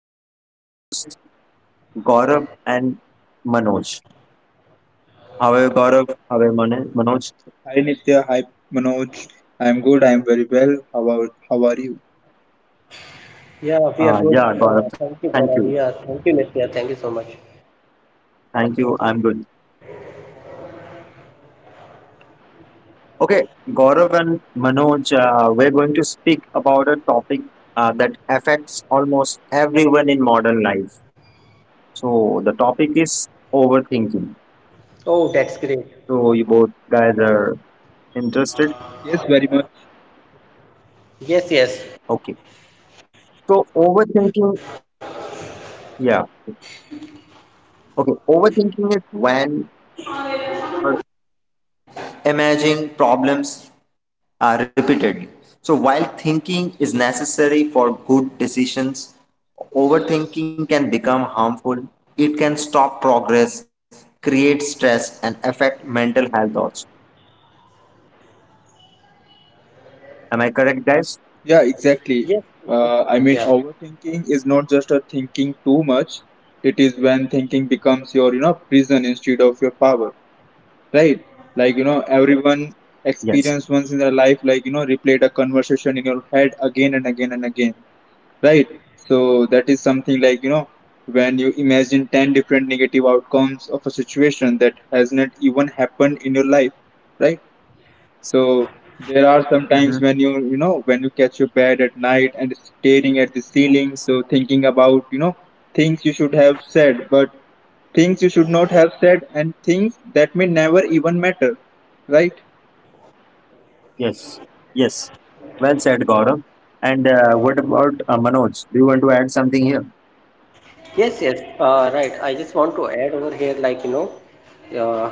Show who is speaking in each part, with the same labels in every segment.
Speaker 1: With my co host Gaurav and Manoj. How are you, Gaurav? How are you, Manoj?
Speaker 2: Hi Nitya, hi Manoj. I'm good. I'm very well. How are you?
Speaker 3: Yeah, we are good.
Speaker 1: Yeah, Gaurav, thank
Speaker 3: Thank you,
Speaker 1: you.
Speaker 3: Gaurav.
Speaker 1: Thank
Speaker 3: Yeah,
Speaker 1: you. I'm
Speaker 3: thank you,
Speaker 1: good.
Speaker 3: Nitya. Thank you so much.
Speaker 1: Okay, Gaurav and Manoj, we're going to speak about a topic that affects almost everyone in modern life. So, the topic is overthinking.
Speaker 3: Oh, that's great.
Speaker 1: So, you both guys are interested?
Speaker 2: Yes, very much.
Speaker 3: Yes, yes.
Speaker 1: Okay. So, overthinking. Yeah, our mind keeps analyzing, worrying, or imagining problems repeatedly. So, while thinking is necessary for good decisions, overthinking can become harmful. It can stop progress, create stress, and affect mental health also. Am I correct, guys?
Speaker 2: Yeah,
Speaker 3: Yes,
Speaker 2: exactly.
Speaker 3: yes,
Speaker 2: Uh, I
Speaker 3: Nitya.
Speaker 2: mean, overthinking is not just a thinking too much. It is when thinking becomes your, you know, prison instead of your power, right? Like you know, everyone
Speaker 1: Yes.
Speaker 2: experienced once in their life, like you know, replayed a conversation in your head again and again and again. Right, so that is something like you know, when you imagine 10 different negative outcomes of a situation that has not even happened in your life, right? So there are some
Speaker 1: Mm-hmm.
Speaker 2: times when you know, when you catch your bed at night and staring at the ceiling, so thinking about you know, things you should have said, but things you should not have said, and things that may never even matter, right?
Speaker 1: Yes. Yes. Well said, Gaurav. And what about Manoj? Do you want to add something here?
Speaker 3: Yes, yes. Right. I just want to add over here, like, you know, uh,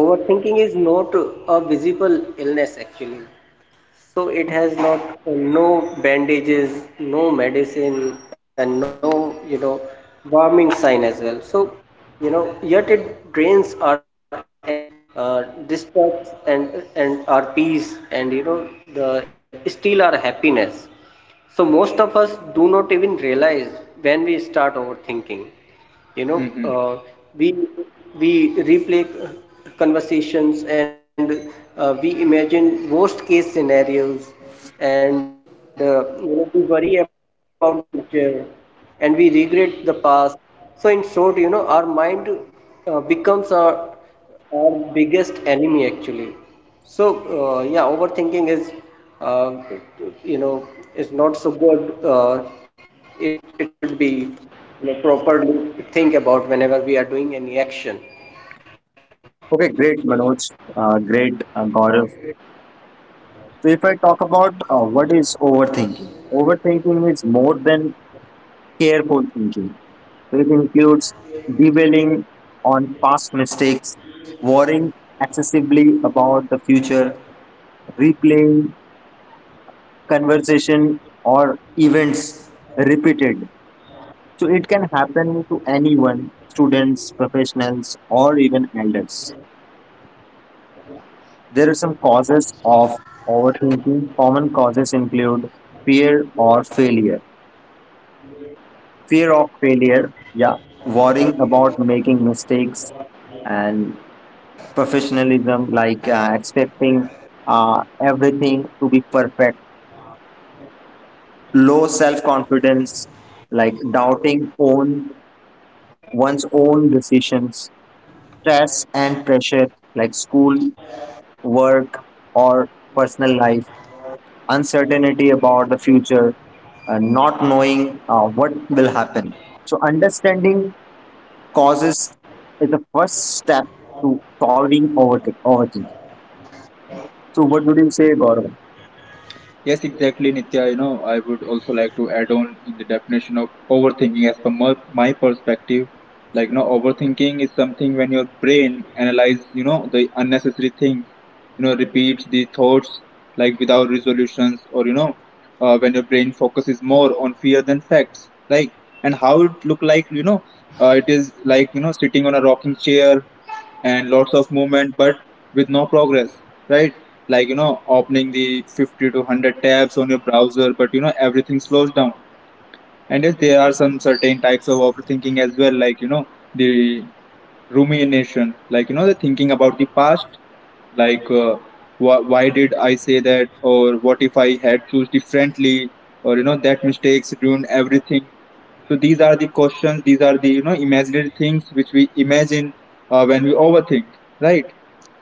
Speaker 3: overthinking is not a visible illness, actually. So it has not no bandages, no medicine, and no you know warming sign as well. So you know yet it drains our energy, uh, distracts and our peace, and you know the steal our happiness. So most of us do not even realize when we start overthinking. You know,
Speaker 2: Hmm.
Speaker 3: we we replay conversations and we imagine worst case scenarios, and you know, we worry about the future, and we regret the past. So in short, you know, our mind becomes our biggest enemy actually. So yeah, overthinking is uh, you know, is not so good. uh, it should be, you know, properly think about whenever we are doing any action.
Speaker 1: Okay, great, Manoj. Great, Gaurav. So, if I talk about what is overthinking, overthinking is more than careful thinking. So, it includes dwelling on past mistakes, worrying excessively about the future, replaying conversation or events repeated. So, it can happen to anyone, students, professionals, or even elders. There are some causes of overthinking. Common causes include fear or failure. Fear of failure, yeah. Worrying about making mistakes and professionalism, like expecting everything to be perfect. Low self confidence, like doubting own one's own decisions. Stress and pressure, like school, work, or personal life uncertainty about the future, not knowing what will happen. So, understanding causes is the first step to solving overthinking. So, what would you say, Gaurav?
Speaker 2: Yes, exactly, Nitya. You know, I would also like to add on in the definition of overthinking as per my perspective. Like, you know, overthinking is something when your brain analyzes, you know, the unnecessary things, you know, repeats the thoughts like without resolutions, or you know, when your brain focuses more on fear than facts, like, and how it look like, you know, it is like, you know, sitting on a rocking chair and lots of movement but with no progress, right? Like you know, opening the 50 to 100 tabs on your browser, but you know, everything slows down. And yes, there are some certain types of overthinking as well, like you know, the rumination, like you know, the thinking about the past, like why did I say that, or what if I had choose differently, or you know, that mistakes ruin everything. So these are the questions, these are the you know, imaginary things which we imagine when we overthink, right?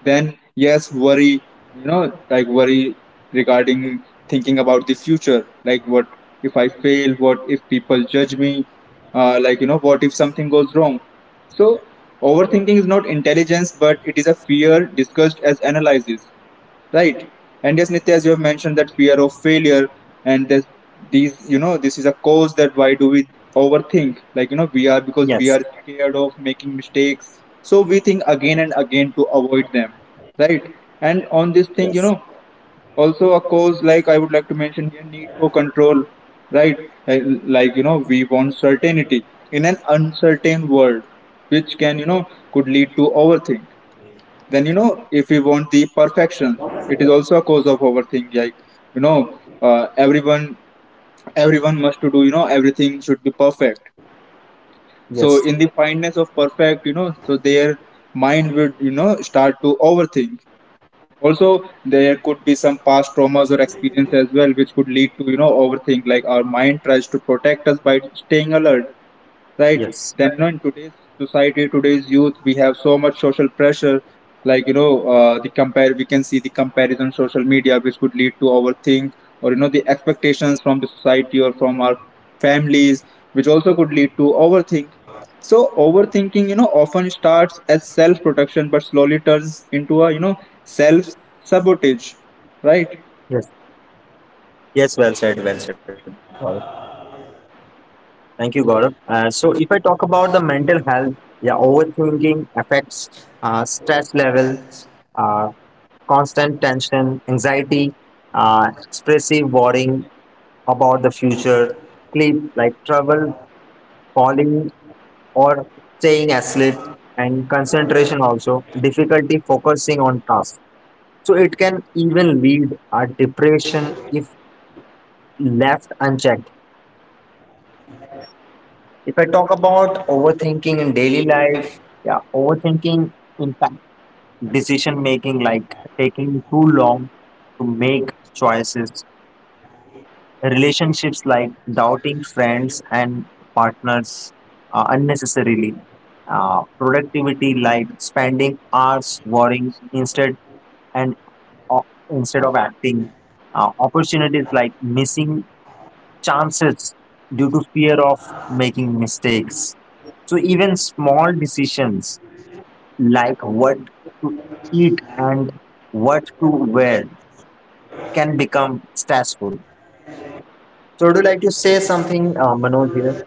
Speaker 2: Then yes, worry, you know, like worry regarding thinking about the future, like what if I fail, what if people judge me, like you know, what if something goes wrong. So overthinking is not intelligence, but it is a fear discussed as analysis, right? And yes, Nitya, as you have mentioned, that fear of failure and that these, you know, this is a cause that why do we overthink? Like you know, we are because we are
Speaker 1: Yes,
Speaker 2: scared of making mistakes, so we think again and again to avoid them, right? And on this thing, you
Speaker 1: yes,
Speaker 2: know, also a cause like I would like to mention here, need for control, right? Like, you know, we want certainty in an uncertain world, which can you know, could lead to overthink. Then you know, if we want the perfection, it is also a cause of overthink, like you know, everyone must to do you know, everything should be perfect. So
Speaker 1: yes,
Speaker 2: in the fineness of perfect, you know, so their mind would you know, start to overthink. Also, there could be some past traumas or experience as well, which could lead to, you know, overthink. Like our mind tries to protect us by staying alert, right?
Speaker 1: yes,
Speaker 2: Then you know, in today's society, today's youth, we have so much social pressure, like you know, the compare we can see the comparison on social media, which could lead to overthink. Or you know, the expectations from the society or from our families, which also could lead to overthink. So overthinking, you know, often starts as self protection, but slowly turns into a you know, self sabotage, right?
Speaker 1: yes, yes. Well said, Gaurav. Thank you, Gaurav. So, if I talk about the mental health, yeah, overthinking affects stress levels, uh, constant tension, anxiety, expressive worrying, about the future, sleep like trouble, falling or staying asleep, and concentration also, difficulty focusing on tasks. So it can even lead a depression if left unchecked. If I talk about overthinking in daily life, yeah, overthinking impact decision making like taking too long to make choices. Relationships like doubting friends and partners unnecessarily. Productivity like spending hours worrying instead and instead of acting. Opportunities like missing chances due to fear of making mistakes. So even small decisions like what to eat and what to wear can become stressful. So would you like to say something, Manoj here?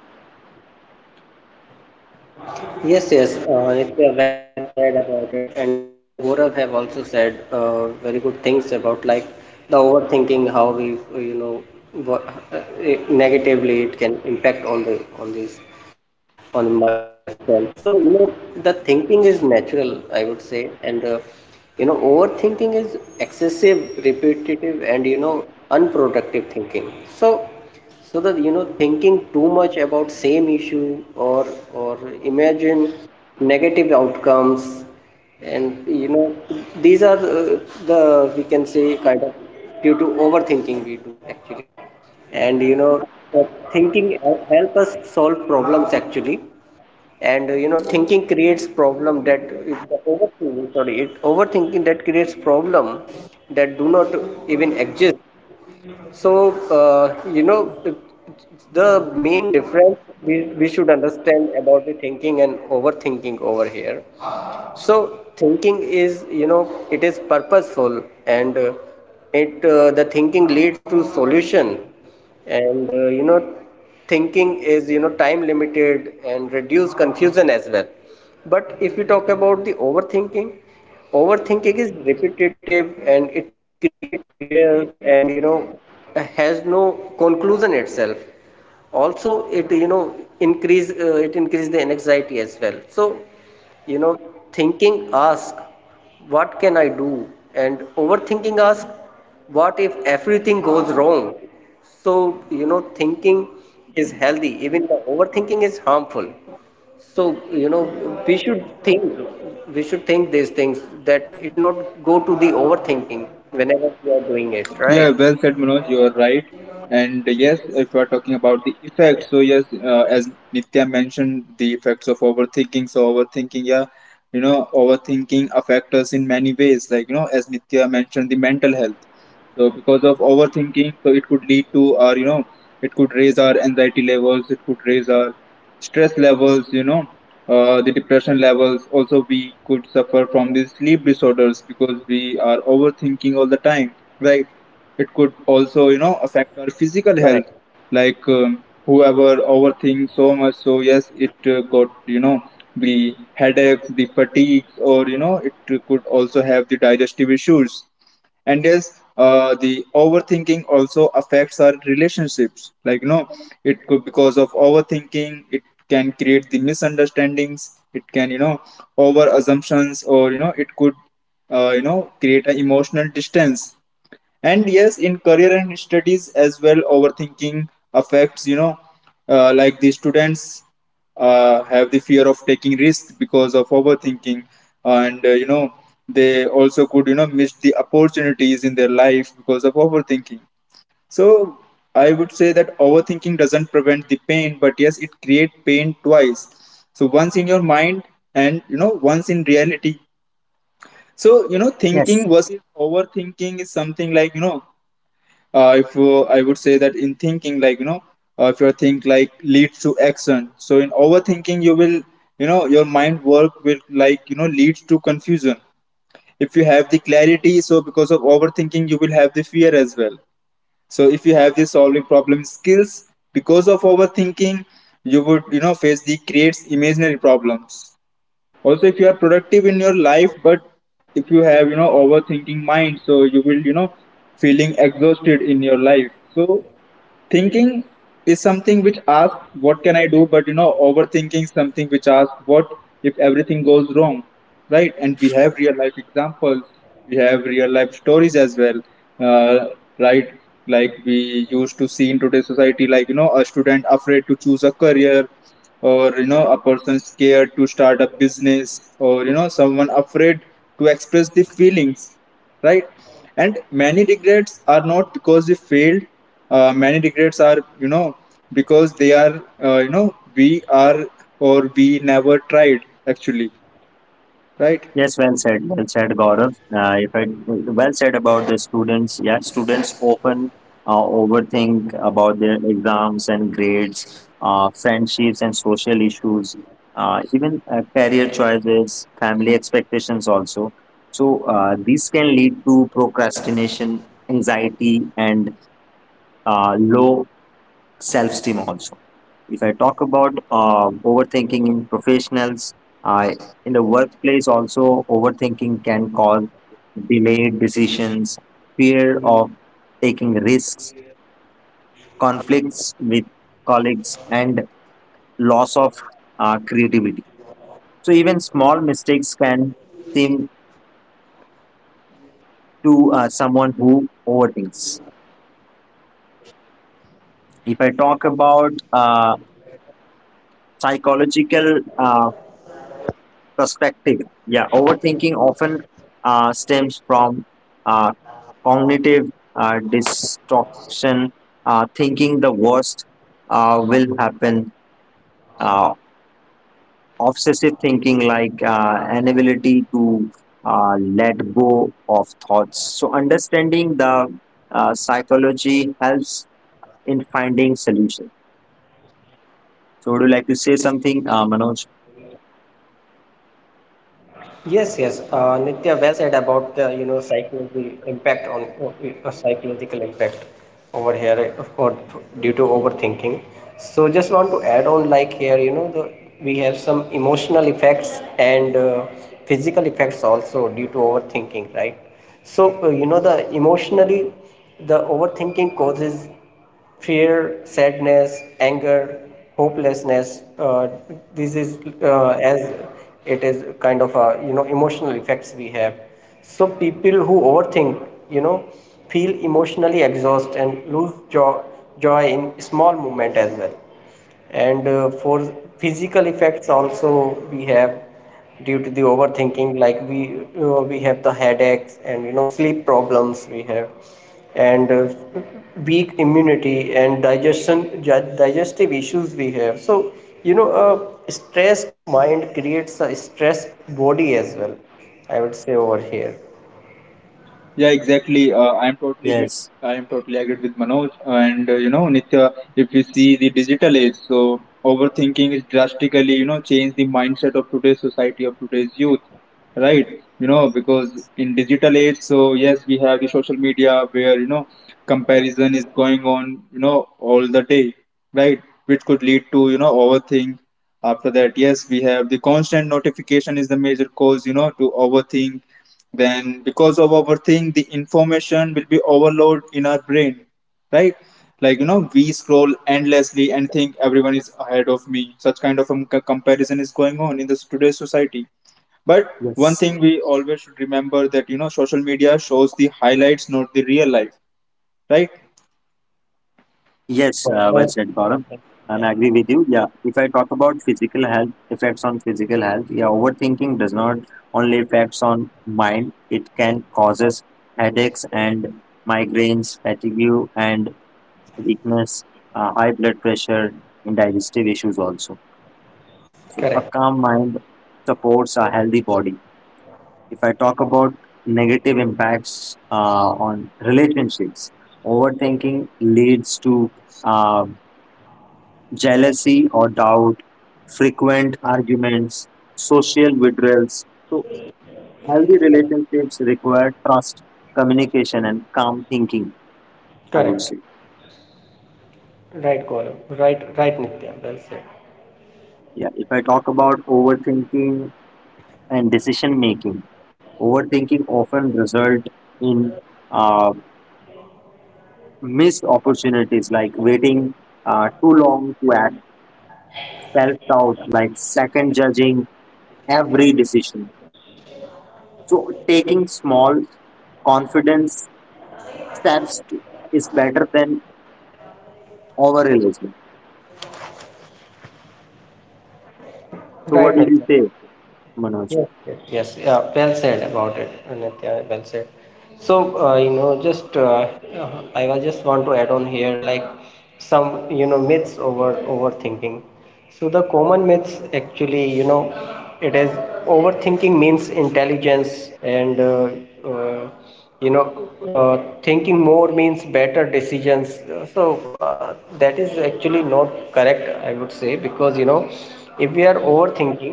Speaker 3: Yes, yes, it's well said about it, and you know Gaurav have also said very good things about like the overthinking, how we you know what, it- negatively it can impact on the on these on the mind itself. So you know the thinking is natural, I would say, and you know overthinking is excessive, repetitive, and you know unproductive thinking. So that you know thinking too much about same issue or or imagine negative outcomes, and you know these are the we can say kind of due to overthinking we do actually. And you know but thinking help us solve problems actually. And you know thinking creates problem that it, the overthinking sorry it overthinking that creates problem that do not even exist. So uh, you know the main difference we, we should understand about the thinking and overthinking over here. So thinking is you know it is purposeful and it the thinking leads to solution, and you know thinking is you know time limited and reduce confusion as well. But if we talk about the overthinking, overthinking is repetitive and it creates fear, and you know has no conclusion itself. Also it you know increase it increases the anxiety as well. So you know thinking ask what can I do, and overthinking ask what if everything goes wrong. So, you know, thinking is healthy, even the overthinking is harmful. So, you know, we should think, we should think these things that it not go to the overthinking whenever we are doing it,
Speaker 2: Yeah,
Speaker 3: right?
Speaker 2: well said, Manoj. You are right. And yes, if we are talking about the effects,
Speaker 3: Yeah.
Speaker 2: so yes, as Nitya mentioned, the effects of overthinking. So overthinking, yeah, you know, overthinking affects us in many ways. Like you know, as Nitya mentioned, the mental health. So because of overthinking, so it could lead to our, you know, it could raise our anxiety levels, it could raise our stress levels, you know, the depression levels. Also, we could suffer from these sleep disorders because we are overthinking all the time, right? It could also, you know, affect our physical
Speaker 3: Correct.
Speaker 2: health, like whoever overthinks so much. So yes, it got, you know, the headaches, the fatigues, or you know, it could also have the digestive issues. And yes, the overthinking also affects our relationships, like you know, it could because of overthinking, it can create the misunderstandings, it can you know, over assumptions, or you know, it could you know, create an emotional distance. And yes, in career and studies as well, overthinking affects you know, like the students have the fear of taking risks because of overthinking. And you know, they also could you know, miss the opportunities in their life because of overthinking. So I would say that overthinking doesn't prevent the pain, but yes, it create pain twice. So once in your mind, and you know, once in reality. So you know, thinking
Speaker 1: Yes,
Speaker 2: versus overthinking is something like you know, if I would say that in thinking, like you know, if your think like leads to action, so in overthinking you will you know, your mind work will like you know, leads to confusion. If you have the clarity, so because of overthinking you will have the fear as well. So if you have the solving problem skills, because of overthinking, you would you know, face the creates imaginary problems. Also if you are productive in your life, but if you have you know, overthinking mind, so you will you know, feeling exhausted in your life. So thinking is something which asks, what can I do? But you know, overthinking is something which asks, what if everything goes wrong? Right? And we have real life examples, we have real life stories as well. Uh, right? Like we used to see in today's society, like you know, a student afraid to choose a career, or you know, a person scared to start a business, or you know, someone afraid to express the feelings, right? And many regrets are not because they failed. Many regrets are you know, because they are you know, we are, or we never tried, actually, right?
Speaker 1: yes, well said, Gaurav. If I well said about the students, yeah, students often overthink about their exams and grades, friendships and social issues, even career choices, family expectations also. So these can lead to procrastination, anxiety, and low self-esteem also. If I talk about overthinking in professionals, uh, in the workplace also overthinking can cause delayed decisions, fear of taking risks, conflicts with colleagues, and loss of creativity. So even small mistakes can seem to someone who overthinks. If I talk about psychological perspective. Yeah, overthinking often stems from uh, cognitive distortion, thinking the worst will happen, uh, obsessive thinking like inability to let go of thoughts. So, understanding the psychology helps in finding solutions. So, would you like to say something, Manoj?
Speaker 3: Yes, yes. Nitya, well said about the you know psychology impact on psychological impact over here for due to overthinking. So just want to add on like here you know the we have some emotional effects and physical effects also due to overthinking, right? So you know the emotionally the overthinking causes fear, sadness, anger, hopelessness. This is as it is kind of a you know emotional effects we have. So people who overthink, you know, feel emotionally exhausted and lose joy in small moment as well. And for physical effects also we have due to the overthinking, like we have the headaches and you know sleep problems we have, and weak immunity and digestion gi- digestive issues we have. So you know a stressed mind creates a stressed body as well. I would say over here.
Speaker 2: Yeah,
Speaker 1: Yes.
Speaker 2: exactly. I am totally agreed with Manoj. And you know, Nitya, if we see the digital age, so overthinking is drastically you know, changed the mindset of today's society, of today's youth, right? You know, because in digital age, so yes, we have the social media where you know, comparison is going on, you know, all the day, right? Which could lead to you know, overthink. After that, yes, we have the constant notification is the major cause, you know, to overthink. Then because of our thing, the information will be overload in our brain, right? Like you know, we scroll endlessly and think everyone is ahead of me, such kind of comparison is going on in this today's society. But one
Speaker 1: Yes.
Speaker 2: thing we always should remember, that you know, social media shows the highlights, not the real life, right?
Speaker 3: Correct, you
Speaker 1: Yes,
Speaker 3: are
Speaker 1: well
Speaker 3: right.
Speaker 1: said, Gaurav. I'm
Speaker 3: Yeah.
Speaker 1: agree with you. Yeah, if I talk about physical health, effects on physical health, yeah, overthinking does not only affects on mind, it can causes headaches and migraines, fatigue and weakness, high blood pressure, and digestive issues also. So a
Speaker 3: Correct,
Speaker 1: calm mind supports a healthy body. If I talk about negative impacts on relationships, overthinking leads to uh, jealousy or doubt, frequent arguments, social withdrawals. So, healthy relationships require trust, communication, and calm thinking, I would
Speaker 3: correct.
Speaker 1: say.
Speaker 3: Right, Gaurav. Right, right, Nitya. Well said.
Speaker 1: Yeah, if I talk about overthinking and decision making, overthinking often result in uh, missed opportunities like waiting too long to act, self doubt, like second judging every decision. So, taking small confidence steps is better than over religion. So what
Speaker 3: Right,
Speaker 1: did you
Speaker 3: Nitya.
Speaker 1: say, Manoj?
Speaker 3: Yes, yes, yes. Yeah, well said about it, Nitya. Well said. So, you know, just I was just want to add on here, like some you know myths over overthinking. So the common myths actually, you know, it is overthinking means intelligence, and uh, you know, thinking more means better decisions. So that is actually not correct, I would say, because you know, if we are overthinking,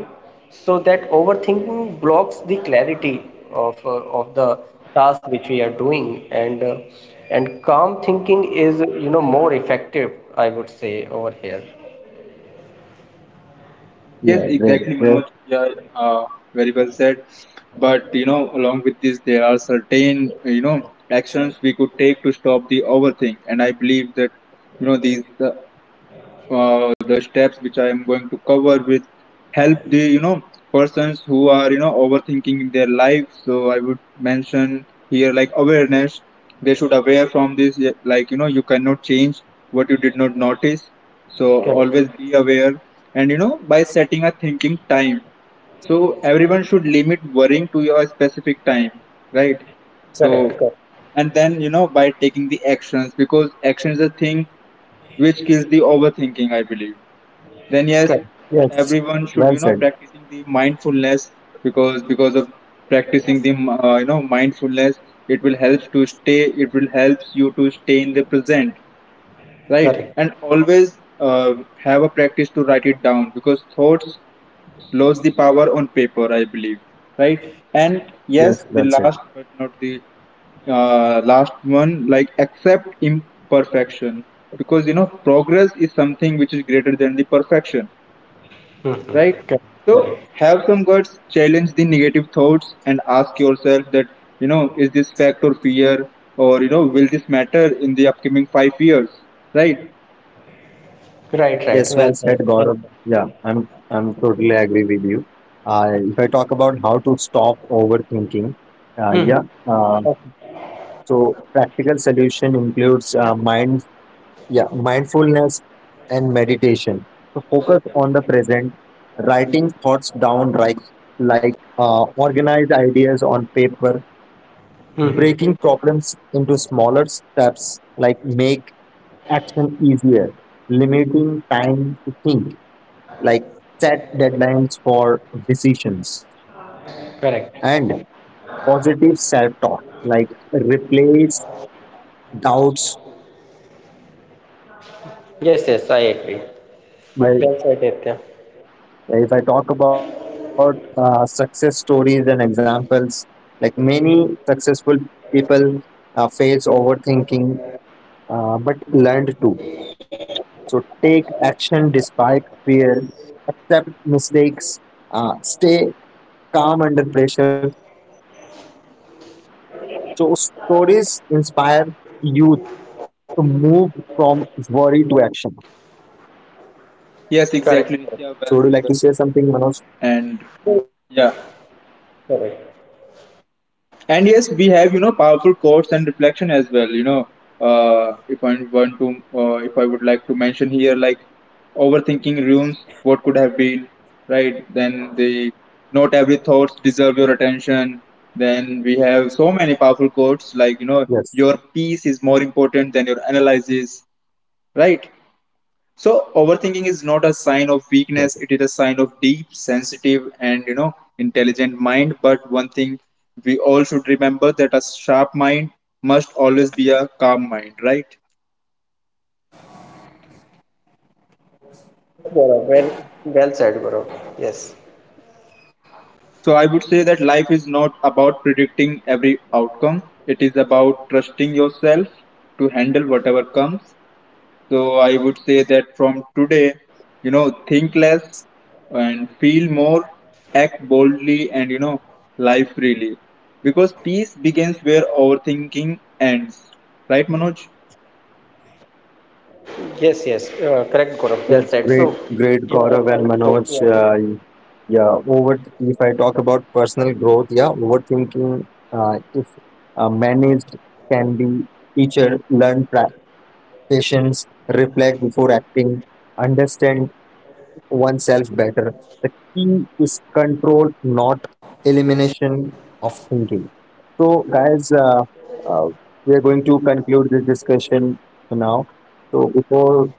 Speaker 3: so that overthinking blocks the clarity of the task which we are doing. And and calm thinking is you know more effective, I would say over here.
Speaker 1: Yeah,
Speaker 2: Yes,
Speaker 1: great.
Speaker 2: exactly,
Speaker 1: Yes,
Speaker 2: Manoj. Yeah, uh, very well said. But you know, along with this, there are certain you know, actions we could take to stop the overthink, and I believe that you know, these the steps which I am going to cover with help the you know, persons who are you know, overthinking in their life. So I would mention here, like awareness. They should aware from this, yeah, like you know, you cannot change what you did not notice. So
Speaker 3: Correct,
Speaker 2: always be aware, and you know, by setting a thinking time. So everyone should limit worrying to your specific time, right? So
Speaker 3: correct,
Speaker 2: and then you know, by taking the actions, because action is a thing which kills the overthinking, I believe. Then yes,
Speaker 3: correct,
Speaker 1: yes.
Speaker 2: everyone should
Speaker 1: Well
Speaker 2: you know,
Speaker 1: said.
Speaker 2: practicing the mindfulness, because of practicing the you know, mindfulness, it will helps you to stay in the present,
Speaker 3: correct,
Speaker 2: right?
Speaker 3: correct.
Speaker 2: And always have a practice to write it down because thoughts lost the power on paper, I believe, right? And yes,
Speaker 1: Yes,
Speaker 2: the
Speaker 1: well said.
Speaker 2: last but not the last one, like accept imperfection, because you know, progress is something which is greater than the perfection,
Speaker 3: Mm-hmm.
Speaker 2: right? So
Speaker 3: Correct,
Speaker 2: have some guts, challenge the negative thoughts, and ask yourself that you know, is this fact or fear, or you know, will this matter in the upcoming 5 years, right?
Speaker 3: correct, right, right,
Speaker 1: Yes, well
Speaker 3: well
Speaker 1: said,
Speaker 3: said, well
Speaker 1: Gaurav.
Speaker 3: said.
Speaker 1: Yeah, I'm totally agree with you. If I talk about how to stop overthinking, yeah.
Speaker 3: Mm-hmm.
Speaker 1: Uh,
Speaker 3: Okay.
Speaker 1: so practical solution includes yeah, mindfulness and meditation. So focus on the present, writing thoughts down, like organize ideas on paper,
Speaker 3: Mm-hmm.
Speaker 1: breaking problems into smaller steps like make action easier, limiting time to think like set deadlines for decisions,
Speaker 3: Correct.
Speaker 1: and positive self-talk like replace doubts with confidence.
Speaker 3: Yes, yes, I agree.
Speaker 1: if
Speaker 3: Well said,
Speaker 1: i
Speaker 3: Nitya.
Speaker 1: if i talk about success stories and examples, like many successful people face overthinking but learned to so take action despite fear, accept mistakes, stay calm under pressure. So stories inspire youth to move from worry to action.
Speaker 2: Yes,
Speaker 3: Correct.
Speaker 2: exactly.
Speaker 3: Correct.
Speaker 2: Nitya, well said, well
Speaker 1: So do you
Speaker 2: said.
Speaker 1: like to say something, Manoj?
Speaker 2: And yeah.
Speaker 3: Yeah, correct.
Speaker 2: And yes, we have you know, powerful quotes and reflection as well. You know, if I would like to mention here, like overthinking ruins what could have been, right? Then the not every thoughts deserve your attention. Then we have so many powerful
Speaker 1: Yes.
Speaker 2: quotes like you know, your peace is more important than your analysis, right? So overthinking is not a sign of
Speaker 1: Yes.
Speaker 2: weakness, it is a sign of deep, sensitive, and you know, intelligent mind. But one thing we all should remember, that a sharp mind must always be a calm mind, right?
Speaker 3: Yes, Gaurav. Well, well said, Gaurav. Yes.
Speaker 2: So I would say that life is not about predicting every outcome. It is about trusting yourself to handle whatever comes. So I would say that from today, you know, think less and feel more, act boldly and, you know, live freely. Because peace begins where overthinking ends. Right, Manoj?
Speaker 3: Yes, yes, correct, Gaurav. Well said. So,
Speaker 1: Yes,
Speaker 3: yeah,
Speaker 1: great,
Speaker 3: I
Speaker 1: great
Speaker 3: totally
Speaker 1: Gaurav and
Speaker 3: agree.
Speaker 1: Manoj. Yeah, over. If I talk about personal growth, yeah, overthinking, if managed, can be teacher learn patience, reflect before acting, understand oneself better. The is control, not elimination of thinking. So, guys, uh, we are going to conclude this discussion now. So, before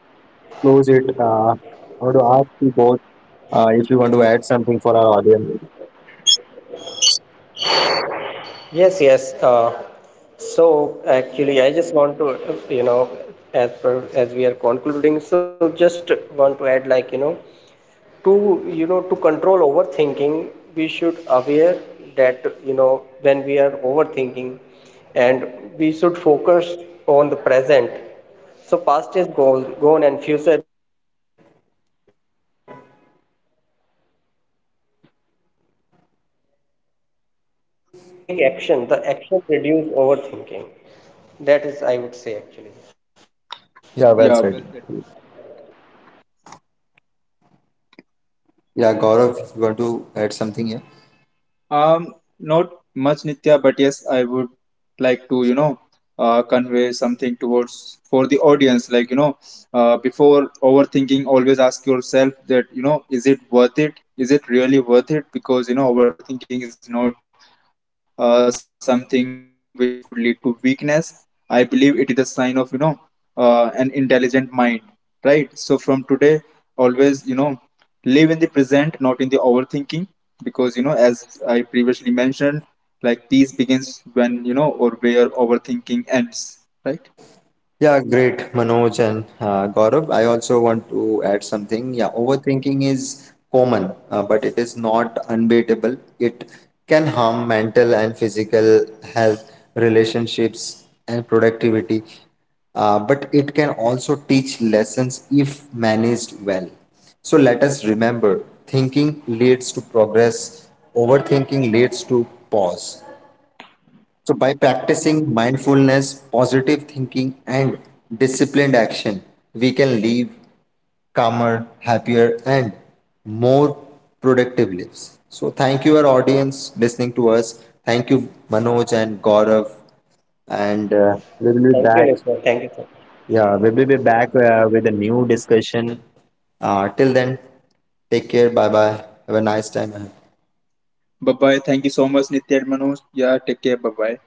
Speaker 1: close it. I want to ask you both if you want to add something for our audience.
Speaker 3: Yes, yes. So actually, I just want to, you know, as per as we are concluding, so just want to add, like, to you know to control overthinking we should aware that you know when we are overthinking, and we should focus on the present. So past is gone and future is uncertain actually. And you know set time limits so think and then act. And you know take action, the action reduce overthinking. That is I would say actually.
Speaker 1: Yeah, well
Speaker 2: Yeah,
Speaker 1: said.
Speaker 2: well said, Manoj.
Speaker 1: Yeah, Gaurav, if you want to add something here?
Speaker 2: Not much, Nitya, but yes, I would like to, you know, convey something towards for the audience. Like, you know, before overthinking, always ask yourself that, you know, is it worth it? Is it really worth it? Because, you know, overthinking is not something which could lead to weakness. I believe it is a sign of, you know, an intelligent mind, right? So from today, always, you know, live in the present, not in the overthinking, because you know, as I previously mentioned, like peace begins when you know, or where overthinking ends, right?
Speaker 1: Yeah, great, Manoj and Gaurav. I also want to add something. Yeah, overthinking is common, but it is not unbeatable. It can harm mental and physical health, relationships, and productivity. But it can also teach lessons if managed well. So let us remember thinking leads to progress, overthinking leads to pause. So, by practicing mindfulness, positive thinking, and disciplined action, we can live calmer, happier, and more productive lives. So, thank you, our audience, listening to us. Thank you, Manoj and Gaurav. And we
Speaker 3: Thank you,
Speaker 1: will be
Speaker 3: Nitya.
Speaker 1: back.
Speaker 3: Thank you so much.
Speaker 1: Yeah, we will be back with a new discussion. Till then, take care. Bye bye. Have a nice time ahead.
Speaker 2: Bye bye, thank you so much Nitya and Manoj, yeah, take care, bye bye.